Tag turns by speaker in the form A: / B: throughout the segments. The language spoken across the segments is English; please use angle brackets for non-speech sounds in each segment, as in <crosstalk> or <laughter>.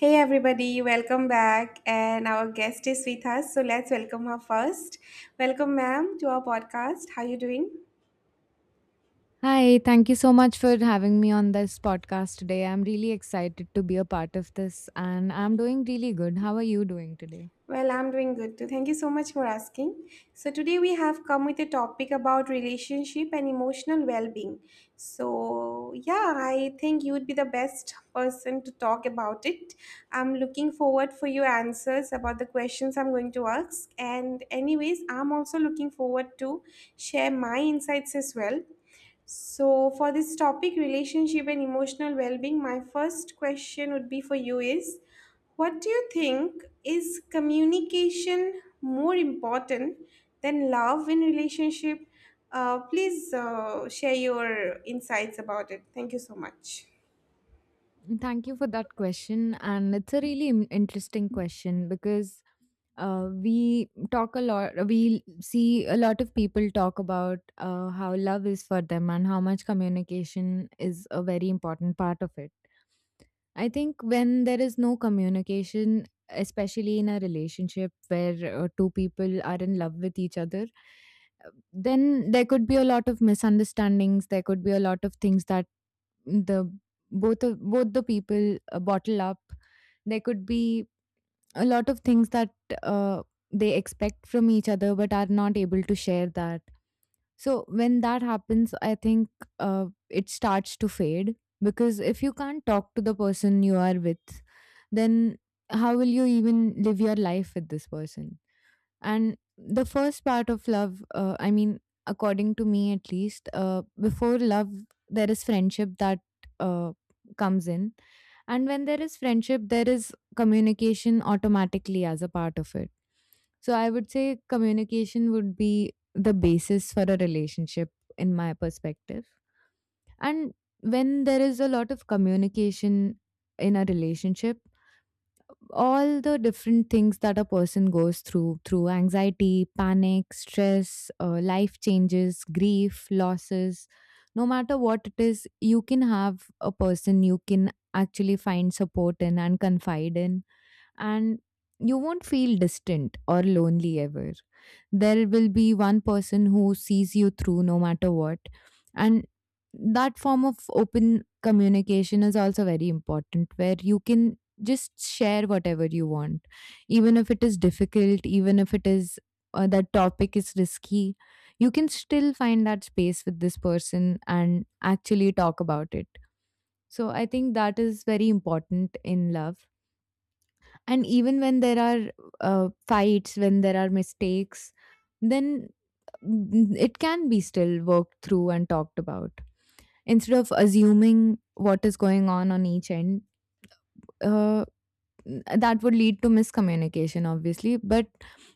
A: Hey everybody, welcome back. And our guest is with us, so let's welcome her first. Welcome, ma'am, to our podcast. How are you doing?
B: Hi, thank you so much for having me on this podcast today. I'm really excited to be a part of this and I'm doing really good. How are you doing today?
A: Well, I'm doing good too. Thank you so much for asking. So today we have come with a topic about relationship and emotional well-being. So yeah, I think you would be the best person to talk about it. I'm looking forward for your answers about the questions I'm going to ask. And anyways, I'm also looking forward to share my insights as well. So, for this topic, relationship and emotional well being, my first question would be for you is, what do you think, is communication more important than love in relationship? Please share your insights about it. Thank you so much.
B: Thank you for that question. And it's a really interesting question because we talk a lot, we see a lot of people talk about how love is for them and how much communication is a very important part of it. I think when there is no communication, especially in a relationship where two people are in love with each other, then there could be a lot of misunderstandings. There could be a lot of things that the both of, both the people bottle up. There could be a lot of things that uh, they expect from each other but are not able to share that. So when that happens, I think it starts to fade, because if you can't talk to the person you are with, then how will you even live your life with this person? And the first part of love, I mean, according to me at least, before love, there is friendship that uh, comes in. And when there is friendship, there is communication automatically as a part of it. So I would say communication would be the basis for a relationship in my perspective. And when there is a lot of communication in a relationship, all the different things that a person goes through, through anxiety, panic, stress, life changes, grief, losses, no matter what it is, you can have a person you can actually find support in and confide in, and you won't feel distant or lonely ever. There will be one person who sees you through no matter what. And that form of open communication is also very important, where you can just share whatever you want, even if it is difficult, even if it is that topic is risky. You can still find that space with this person and actually talk about it. So I think that is very important in love. And even when there are fights, when there are mistakes, then it can be still worked through and talked about. Instead of assuming what is going on each end, uh, that would lead to miscommunication, obviously. But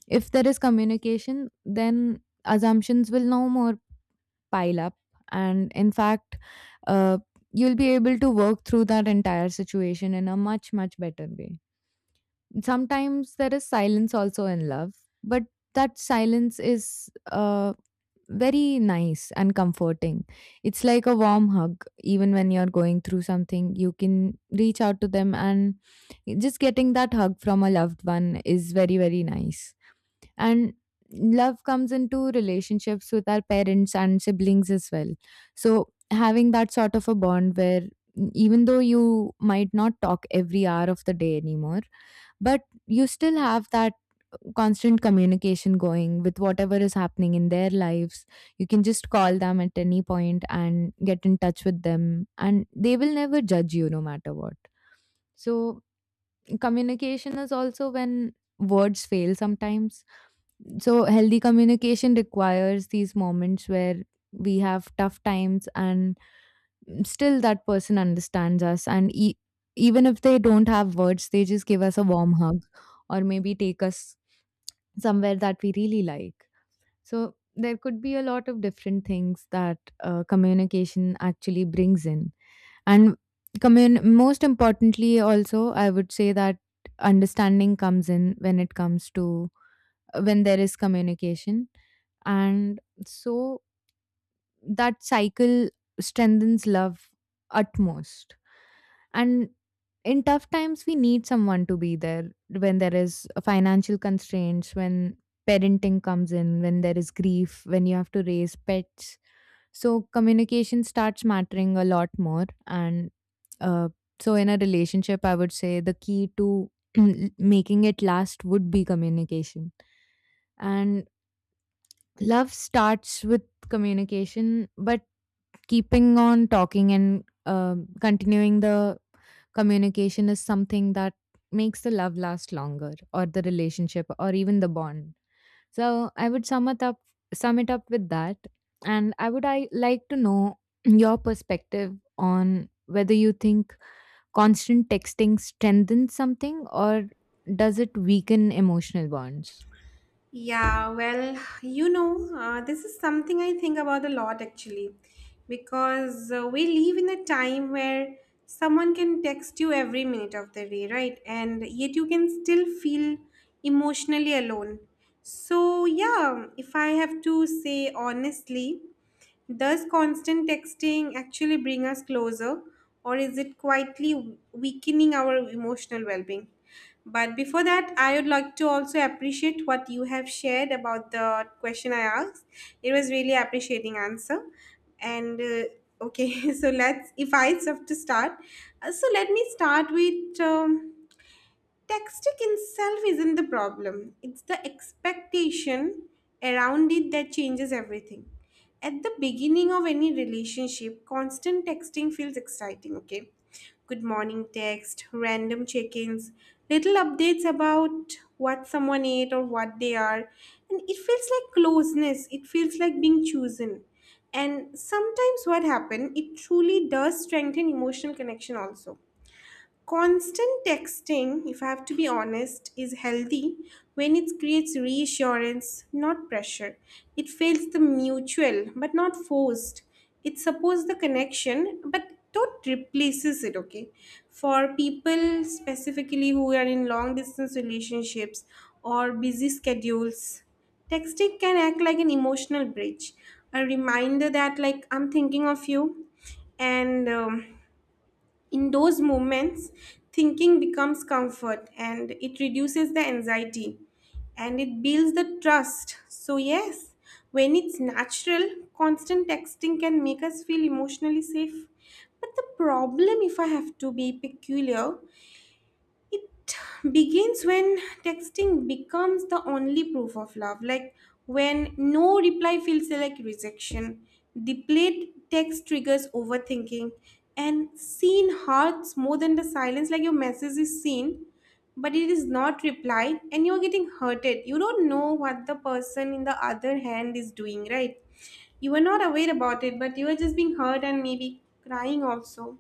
B: if there is communication, then assumptions will no more pile up. And in fact, uh, you'll be able to work through that entire situation in a much, much better way. Sometimes there is silence also in love, but that silence is very nice and comforting. It's like a warm hug. Even when you're going through something, you can reach out to them, and just getting that hug from a loved one is very, very nice. And love comes into relationships with our parents and siblings as well. So, having that sort of a bond where even though you might not talk every hour of the day anymore, but you still have that constant communication going with whatever is happening in their lives, you can just call them at any point and get in touch with them, and they will never judge you no matter what. So communication is also when words fail sometimes. So healthy communication requires these moments where we have tough times and still that person understands us, and even if they don't have words, they just give us a warm hug or maybe take us somewhere that we really like. So there could be a lot of different things that communication actually brings in. And most importantly, also I would say that understanding comes in when it comes to, when there is communication. And so that cycle strengthens love utmost. And in tough times we need someone to be there, when there is financial constraints, when parenting comes in, when there is grief, when you have to raise pets. So communication starts mattering a lot more. And uh, so in a relationship, I would say the key to <clears throat> making it last would be communication. And love starts with communication, but keeping on talking and continuing the communication is something that makes the love last longer, or the relationship, or even the bond. So I would sum it up with that. And I like to know <clears throat> your perspective on whether you think constant texting strengthens something, or does it weaken emotional bonds?
A: Yeah, well, you know, this is something I think about a lot actually, because we live in a time where someone can text you every minute of the day, right? And yet you can still feel emotionally alone. So, yeah, if I have to say honestly, does constant texting actually bring us closer, or is it quietly weakening our emotional well being? But before that, I would like to also appreciate what you have shared about the question I asked. It was really appreciating answer. And okay, <laughs> so if I have to start, so let me start with. Texting itself isn't the problem, it's the expectation around it that changes everything. At the beginning of any relationship, constant texting feels exciting, okay? Good morning text, random check ins, little updates about what someone ate or what they are. And it feels like closeness, it feels like being chosen. And sometimes what happens, it truly does strengthen emotional connection also. Constant texting, if I have to be honest, is healthy when it creates reassurance, not pressure. It feels the mutual, but not forced. It supports the connection, but not replaces it, okay? For people specifically who are in long distance relationships or busy schedules, texting can act like an emotional bridge, a reminder that like I'm thinking of you, and in those moments, thinking becomes comfort, and it reduces the anxiety and it builds the trust. So, yes, when it's natural, constant texting can make us feel emotionally safe. But the problem, if I have to be peculiar, it begins when texting becomes the only proof of love, like when no reply feels like rejection. Delayed text triggers overthinking, and seen hurts more than the silence, like your message is seen but it is not replied and you're getting hurted. You don't know what the person in the other hand is doing, right? You are not aware about it, but you are just being hurt and maybe crying also.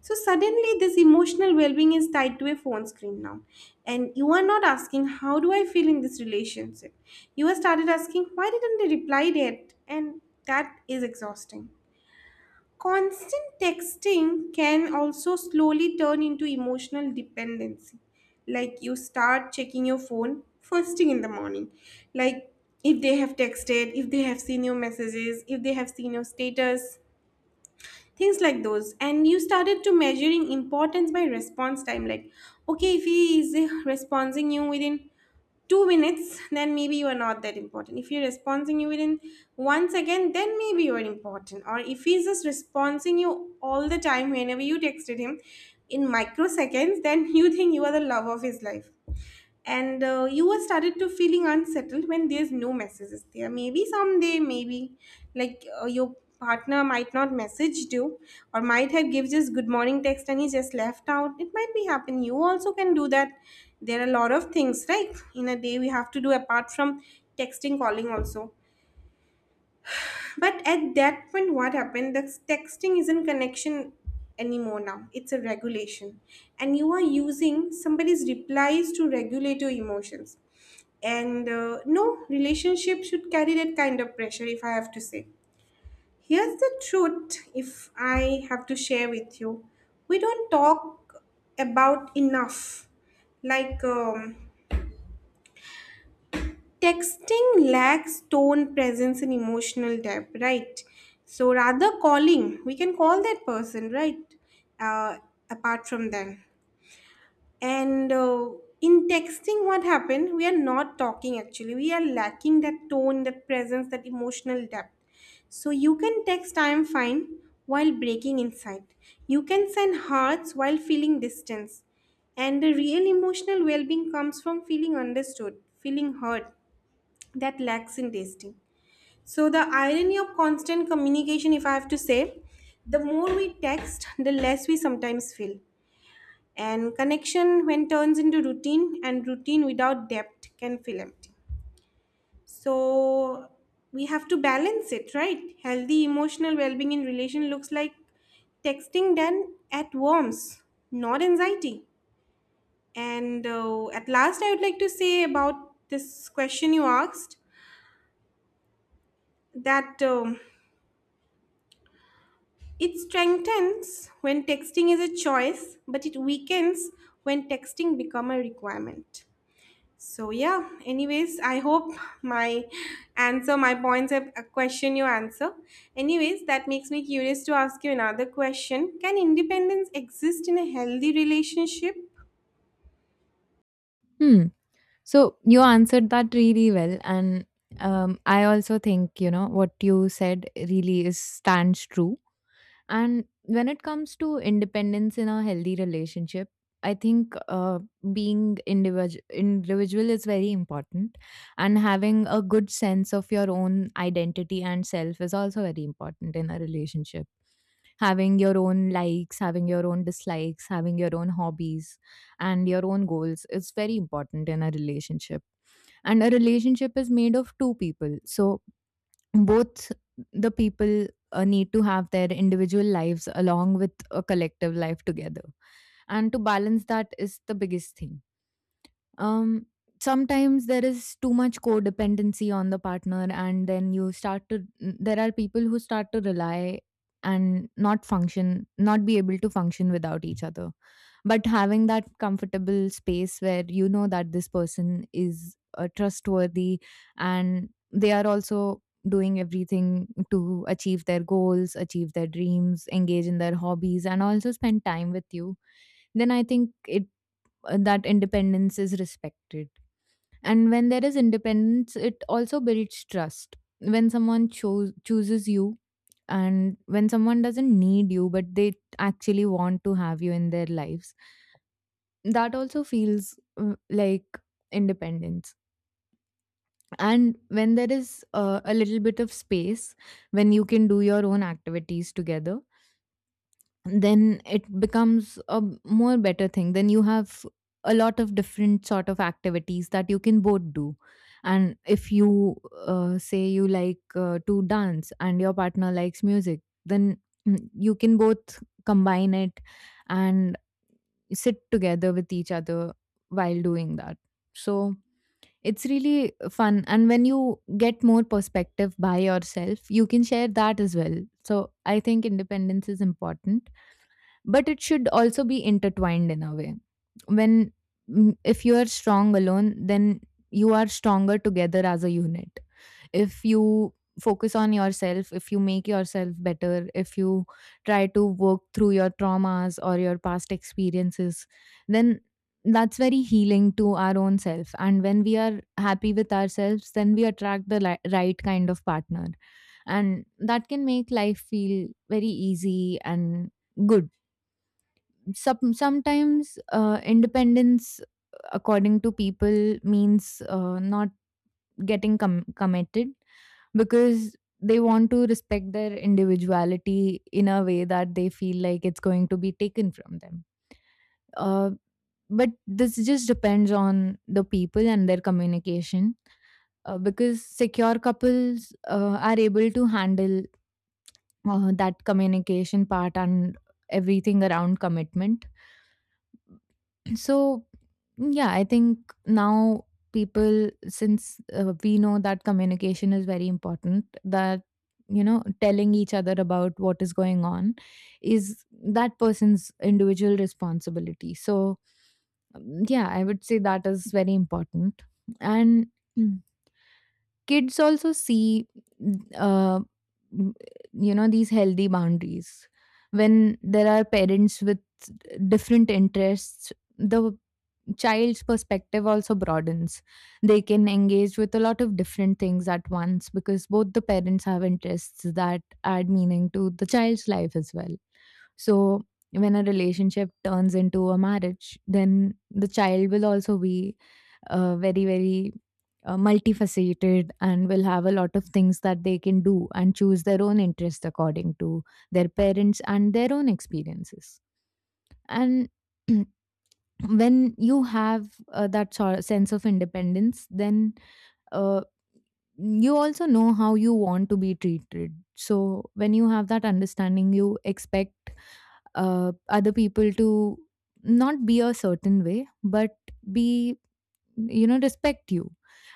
A: So suddenly, this emotional well-being is tied to a phone screen now, and you are not asking how do I feel in this relationship. You are started asking why didn't they reply yet, and that is exhausting. Constant texting can also slowly turn into emotional dependency. Like you start checking your phone first thing in the morning, like if they have texted, if they have seen your messages, if they have seen your status, things like those, and you started to measuring importance by response time, like okay, if he is responding you within 2 minutes, then maybe you are not that important. If he's responding you within once again, then maybe you are important. Or if he's just responding you all the time whenever you texted him in microseconds, then <laughs> you think you are the love of his life. And you are started to feeling unsettled when there's no messages there, maybe someday, maybe your partner might not messaged you or might have give just good morning text and he just left out. It might be happen, you also can do that. There are a lot of things, right, in a day we have to do apart from texting, calling also. But at that point, what happened? The texting isn't connection anymore now. It's a regulation. And you are using somebody's replies to regulate your emotions. And no, relationship should carry that kind of pressure, if I have to say. Here's the truth, if I have to share with you. We don't talk about enough. Like, um, Texting lacks tone, presence, and emotional depth, right? So rather calling, we can call that person, right? Uh, apart from them. And in texting, what happened? We are not talking actually. We are lacking that tone, that presence, that emotional depth. So you can text I am fine while breaking inside. You can send hearts while feeling distance. And the real emotional well being comes from feeling understood, feeling heard, that lacks in tasting. So the irony of constant communication, if I have to say, the more we text, the less we sometimes feel. And connection when turns into routine, and routine without depth can feel empty. So we have to balance it, right? Healthy emotional well-being in relation looks like texting done at warmth, not anxiety. And at last, I would like to say about this question you asked that. It strengthens when texting is a choice, but it weakens when texting become a requirement. So yeah, anyways, I hope my answer, my points have a question you answer. Anyways, that makes me curious to ask you another question. Can independence exist in a healthy relationship?
B: Hmm. So you answered that really well. And I also think, you know, what you said really is, stands true. And when it comes to independence in a healthy relationship, I think being individual is very important, and having a good sense of your own identity and self is also very important in a relationship. Having your own likes, having your own dislikes, having your own hobbies, and your own goals is very important in a relationship. And a relationship is made of two people, so both the people need to have their individual lives along with a collective life together, and to balance that is the biggest thing. Um, sometimes there is too much codependency on the partner, and then you start to, there are people who start to rely and not function, not be able to function without each other. But having that comfortable space where you know that this person is trustworthy, and they are also doing everything to achieve their goals, achieve their dreams, engage in their hobbies, and also spend time with you, then I think it, that independence is respected. And when there is independence, it also builds trust. When someone chooses you, and when someone doesn't need you but they actually want to have you in their lives, that also feels like independence. And when there is a little bit of space, when you can do your own activities together, then it becomes a more better thing. Then you have a lot of different sort of activities that you can both do. And if you, say you like to dance and your partner likes music, then you can both combine it and sit together with each other while doing that. So it's really fun, and when you get more perspective by yourself, you can share that as well. So I think independence is important, but it should also be intertwined in a way. When if you are strong alone, then you are stronger together as a unit. If you focus on yourself, if you make yourself better, if you try to work through your traumas or your past experiences, then that's very healing to our own self. And when we are happy with ourselves, then we attract the right kind of partner, and that can make life feel very easy and good. Sometimes independence according to people means not getting committed, because they want to respect their individuality in a way that they feel like it's going to be taken from them. uh, but this just depends on the people and their communication. Because secure couples are able to handle that communication part and everything around commitment. So, yeah, I think now people, since we know that communication is very important, that, you know, telling each other about what is going on is that person's individual responsibility. So, yeah, I would say that is very important. And <clears throat> Mm. kids also see, uh, m- you know, these healthy boundaries. When there are parents with different interests, the child's perspective also broadens. They can engage with a lot of different things at once because both the parents have interests that add meaning to the child's life as well. So, when a relationship turns into a marriage, then the child will also be very, very multifaceted, and will have a lot of things that they can do and choose their own interest according to their parents and their own experiences. And <clears throat> when you have that sort sense of independence, then uh, you also know how you want to be treated. So when you have that understanding, you expect other people to not be a certain way, but be, you know, respect you.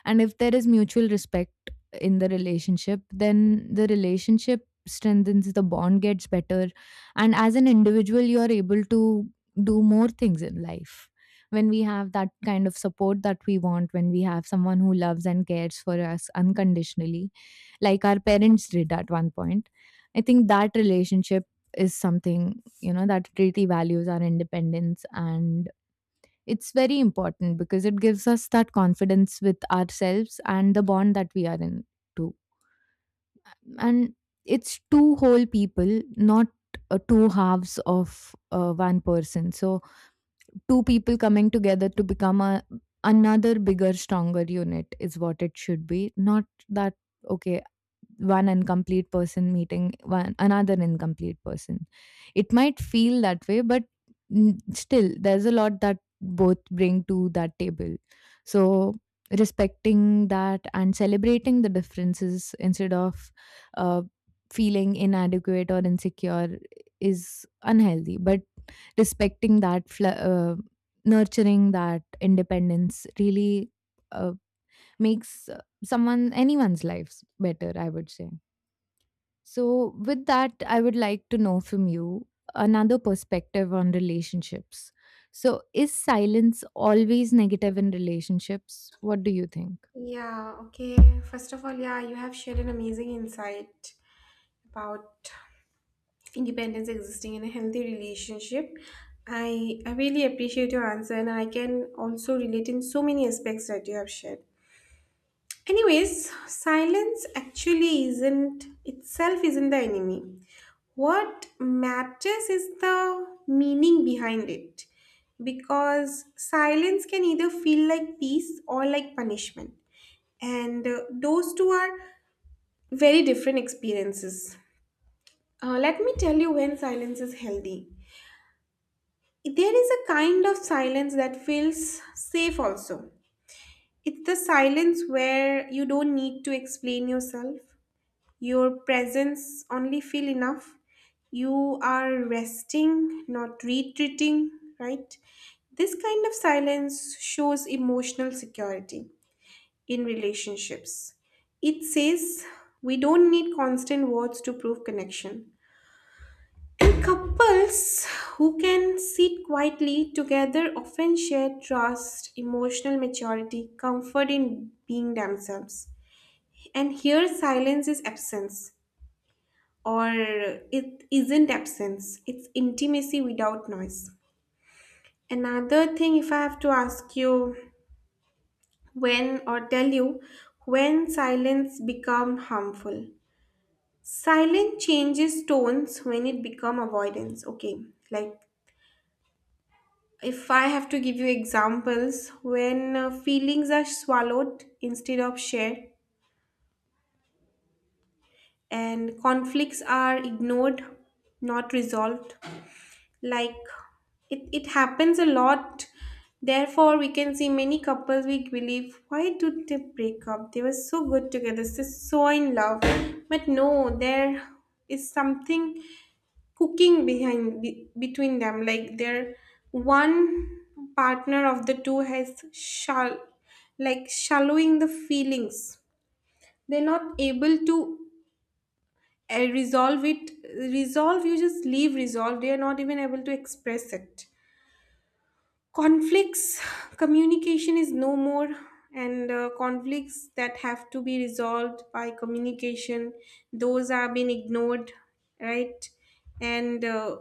B: And if there is mutual respect in the relationship, then the relationship strengthens, the bond gets better, and as an individual you are able to do more things in life. When we have that kind of support that we want, when we have someone who loves and cares for us unconditionally like our parents did at one point, I think that relationship is something, you know, that really values our independence. And it's very important because it gives us that confidence with ourselves and the bond that we are in too. And it's two whole people, not two halves of one person. So two people coming together to become a another bigger, stronger unit is what it should be. Not that, okay, one incomplete person meeting one another incomplete person. It might feel that way, but still there's a lot that both bring to that table. So respecting that and celebrating the differences instead of uh, feeling inadequate or insecure is unhealthy, but respecting that nurturing that independence really uh, makes someone, anyone's lives better, I would say. So, with that, I would like to know from you another perspective on relationships. So, is silence always negative in relationships? What do you think?
A: Yeah, okay. First of all, yeah, you have shared an amazing insight about independence existing in a healthy relationship. I really appreciate your answer, and I can also relate in so many aspects that you have shared. Anyways, silence actually isn't itself isn't the enemy. What matters is the meaning behind it, because silence can either feel like peace or like punishment, and those two are very different experiences. Let me tell you when silence is healthy. There is a kind of silence that feels safe also. It's the silence where you don't need to explain yourself. Your presence only feel enough. You are resting, not retreating, right? This kind of silence shows emotional security in relationships. It says we don't need constant words to prove connection. And couples who can sit quietly together often share trust, emotional maturity, comfort in being themselves. And here, silence is absence, or it isn't absence, it's intimacy without noise. Another thing, if I have to ask you when, or tell you when silence become harmful. Silence changes tones when it become avoidance. Okay, like if I have to give you examples, when feelings are swallowed instead of shared and conflicts are ignored, not resolved. Like it happens a lot. Therefore we can see many couples, we believe why did they break up, they were so good together, so in love. But no, there is something cooking behind, between them, like their one partner of the two has shall, like shallowing the feelings, they're not able to resolve it, resolve, you just leave resolve, they are not even able to express it. Conflicts, communication is no more, and conflicts that have to be resolved by communication, those are being ignored, right? and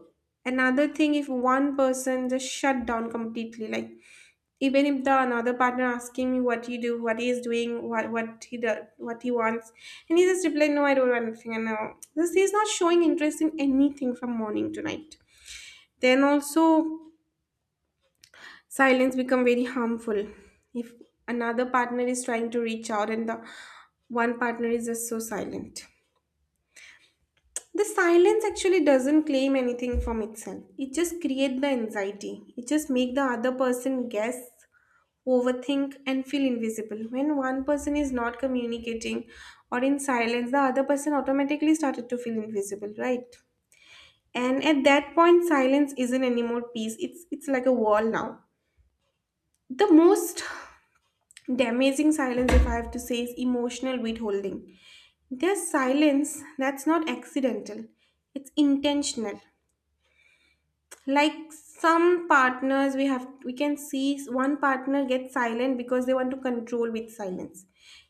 A: another thing, if one person just shut down completely, like even if the another partner asking me what you do, what he is doing, what he does, what he wants, and he just replied no I don't want anything, and this he's not showing interest in anything from morning to night, then also silence become very harmful. If another partner is trying to reach out and the one partner is just so silent, the silence actually doesn't claim anything from itself, it just create the anxiety, it just make the other person guess, overthink and feel invisible. When one person is not communicating or in silence, the other person automatically started to feel invisible, right? And at that point silence isn't anymore peace, it's like a wall now. The most, the amazing silence, if I have to say, is emotional withholding. There's silence that's not accidental, it's intentional. Like some partners, we can see one partner get silent because they want to control with silence.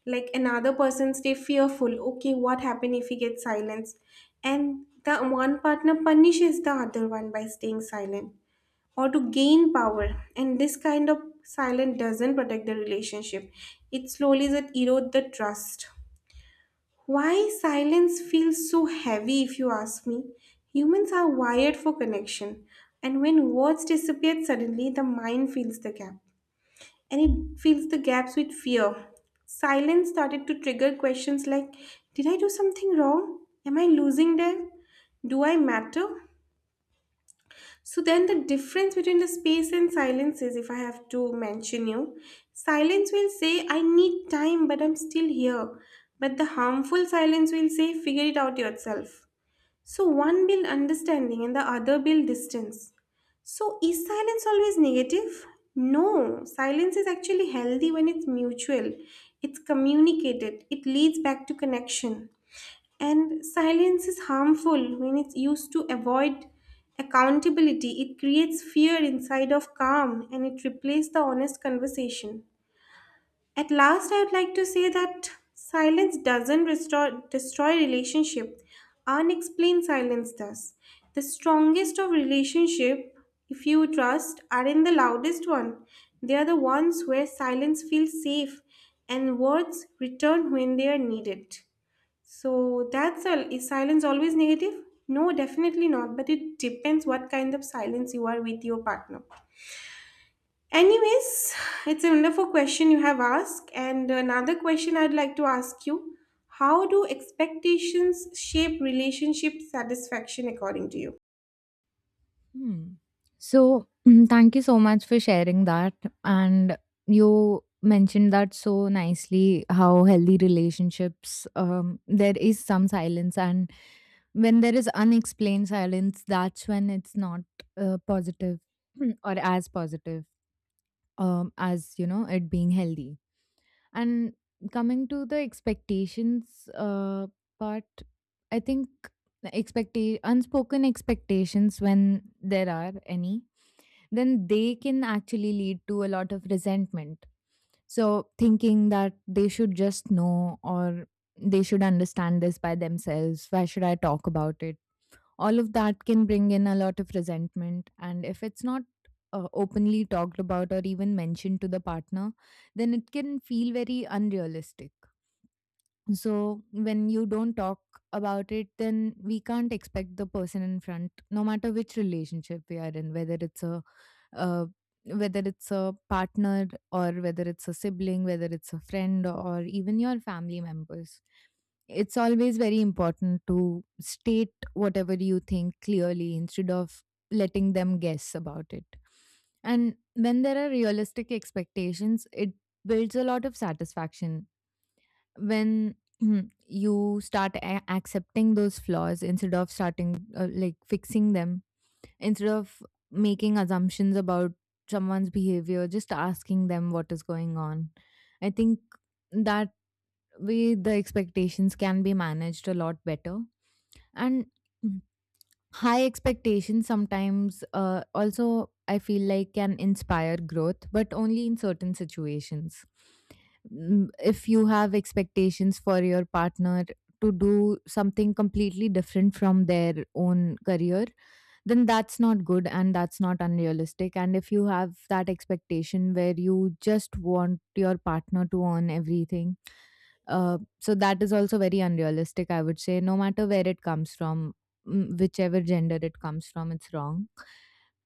A: Like another person stay fearful. Okay, what happen if he gets silence? And the one partner punishes the other one by staying silent or to gain power. And this kind of silence doesn't protect the relationship. It slowly that erode the trust. Why silence feels so heavy if you ask me? Humans are wired for connection. And when words disappear suddenly, the mind fills the gap. And it fills the gaps with fear. Silence started to trigger questions like, did I do something wrong? Am I losing them? Do I matter? So then the difference between the space and silence is, if I have to mention you, silence will say I need time but I'm still here. But the harmful silence will say figure it out yourself. So one build understanding and the other build distance. So is silence always negative? No, silence is actually healthy when it's mutual. It's communicated. It leads back to connection. And silence is harmful when it's used to avoid accountability. It creates fear inside of calm and it replaces the honest conversation. At last, I would like to say that silence doesn't restore, destroy relationship. Unexplained silence does. The strongest of relationship, if you trust, are in the loudest one. They are the ones where silence feels safe and words return when they are needed. So that's all. Is silence always negative? No, definitely not. But it depends what kind of silence you are with your partner. Anyways, it's a wonderful question you have asked. And another question I'd like to ask you, how do expectations shape relationship satisfaction according to you?
B: Hmm. So, <clears throat> thank you so much for sharing that. And you mentioned that so nicely how healthy relationships, there is some silence. And when there is unexplained silence, that's when it's not positive <clears throat> or as positive. As you know it being healthy, and coming to the expectations part, I think expect unspoken expectations, when there are any, then they can actually lead to a lot of resentment. So thinking that they should just know, or they should understand this by themselves, why should I talk about it? All of that can bring in a lot of resentment. And if it's not openly talked about or even mentioned to the partner, then it can feel very unrealistic. So when you don't talk about it, then we can't expect the person in front, no matter which relationship we are in, whether it's a uh, partner, or whether it's a sibling, whether it's a friend, or even your family members. It's always very important to state whatever you think clearly instead of letting them guess about it. And when there are realistic expectations, it builds a lot of satisfaction when <clears throat> you start accepting those flaws instead of starting like fixing them, instead of making assumptions about someone's behavior, just asking them what is going on. I think that way the expectations can be managed a lot better. And high expectations sometimes, also I feel like, can inspire growth, but only in certain situations. Mm, if you have expectations for your partner to do something completely different from their own career, then that's not good and that's not unrealistic. And if you have that expectation where you just want your partner to earn everything, so that is also very unrealistic, I would say, no matter where it comes from, whichever gender it comes from, it's wrong.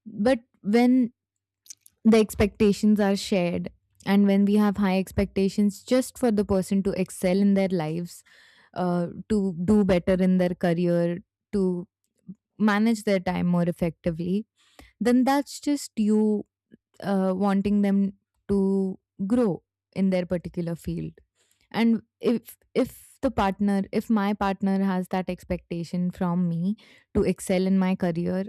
B: But when the expectations are shared, and when we have high expectations just for the person to excel in their lives, to do better in their career, to manage their time more effectively, then that's just you wanting them to grow in their particular field. And if the partner, if my partner has that expectation from me to excel in my career,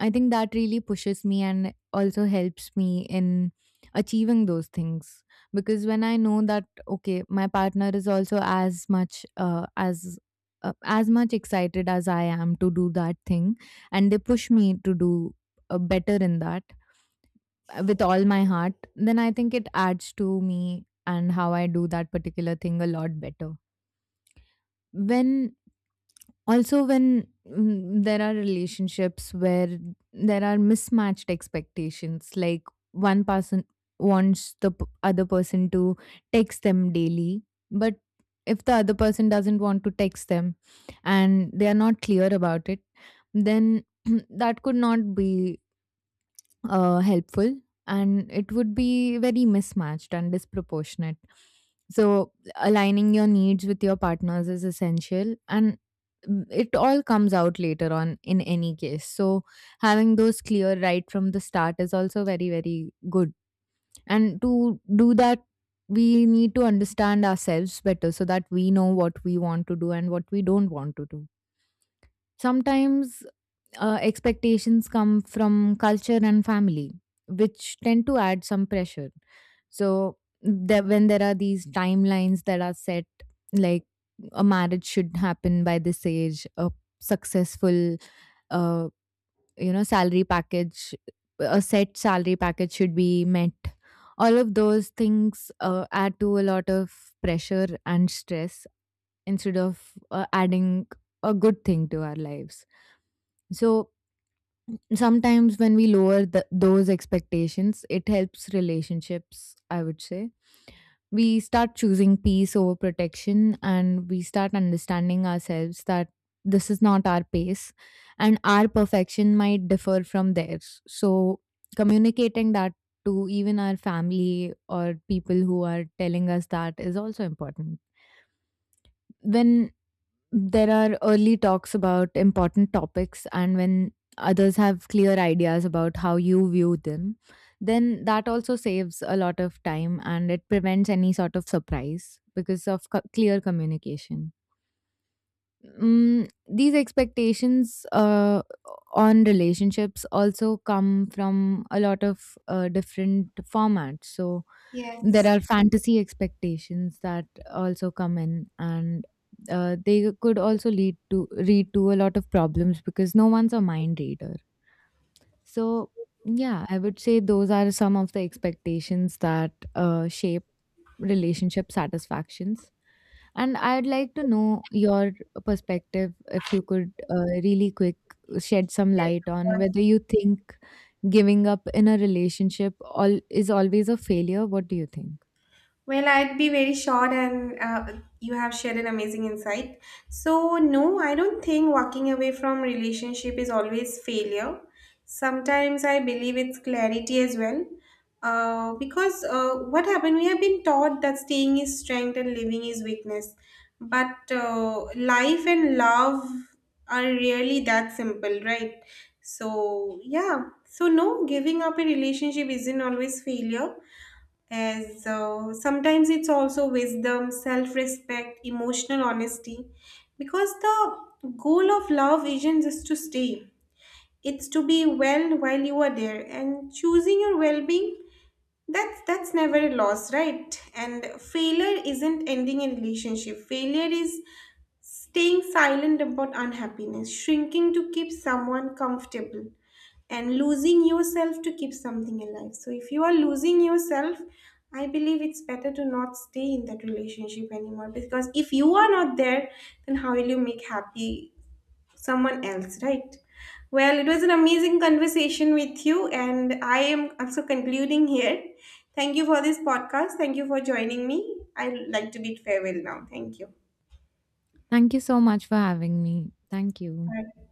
B: I think that really pushes me and also helps me in achieving those things. Because when I know that, okay, my partner is also as much, as much excited as I am to do that thing, and they push me to do better in that with all my heart, then I think it adds to me and how I do that particular thing a lot better. When, also, when there are relationships where there are mismatched expectations, like one person wants the other person to text them daily, but if the other person doesn't want to text them and they are not clear about it, then <clears throat> that could not be helpful, and it would be very mismatched and disproportionate. So, aligning your needs with your partners is essential, and it all comes out later on in any case. So, having those clear right from the start is also very, very good. And to do that, we need to understand ourselves better so that we know what we want to do and what we don't want to do. Sometimes expectations come from culture and family, which tend to add some pressure. So, there, when there are these timelines that are set, like a marriage should happen by this age, a successful, uh, you know, salary package, a set salary package should be met. All of those things add to a lot of pressure and stress instead of adding a good thing to our lives. So sometimes when we lower those expectations, it helps relationships, I would say. We start choosing peace over protection, and we start understanding ourselves that this is not our pace and our perfection might differ from theirs. So communicating that to even our family or people who are telling us that is also important. When there are early talks about important topics, and when others have clear ideas about how you view them, then that also saves a lot of time, and it prevents any sort of surprise because of clear communication. Mm, these expectations on relationships also come from a lot of different formats. So there
A: Yes.
B: are fantasy expectations that also come in, and they could also lead to a lot of problems because no one's a mind reader. So, yeah, I would say those are some of the expectations that shape relationship satisfactions. And I'd like to know your perspective, if you could really quick shed some
A: Yes,
B: light
A: of
B: on
A: course.
B: whether you think giving up in a relationship all is always a failure. What do you think?
A: Well, I'd be very short, and you have shared an amazing insight. So, no, I don't think walking away from relationship is always failure. Sometimes I believe it's clarity as well, because what happened? We have been taught that staying is strength and living is weakness, but life and love are really that simple, right? So, yeah. So, no, giving up a relationship isn't always failure, as so sometimes it's also wisdom, self-respect, emotional honesty, because the goal of love isn't just to stay; it's to be well while you are there, and choosing your well-being, that's never a loss, right? And failure isn't ending a relationship. Failure is staying silent about unhappiness, shrinking to keep someone comfortable, and losing yourself to keep something alive. So if you are losing yourself, I believe it's better to not stay in that relationship anymore, because if you are not there, then how will you make happy someone else, right? Well, it was an amazing conversation with you, and I am also concluding here. Thank you for this podcast. Thank you for joining me. I'd like to bid farewell now. Thank you.
B: Thank you so much for having me. Thank you.
A: Bye.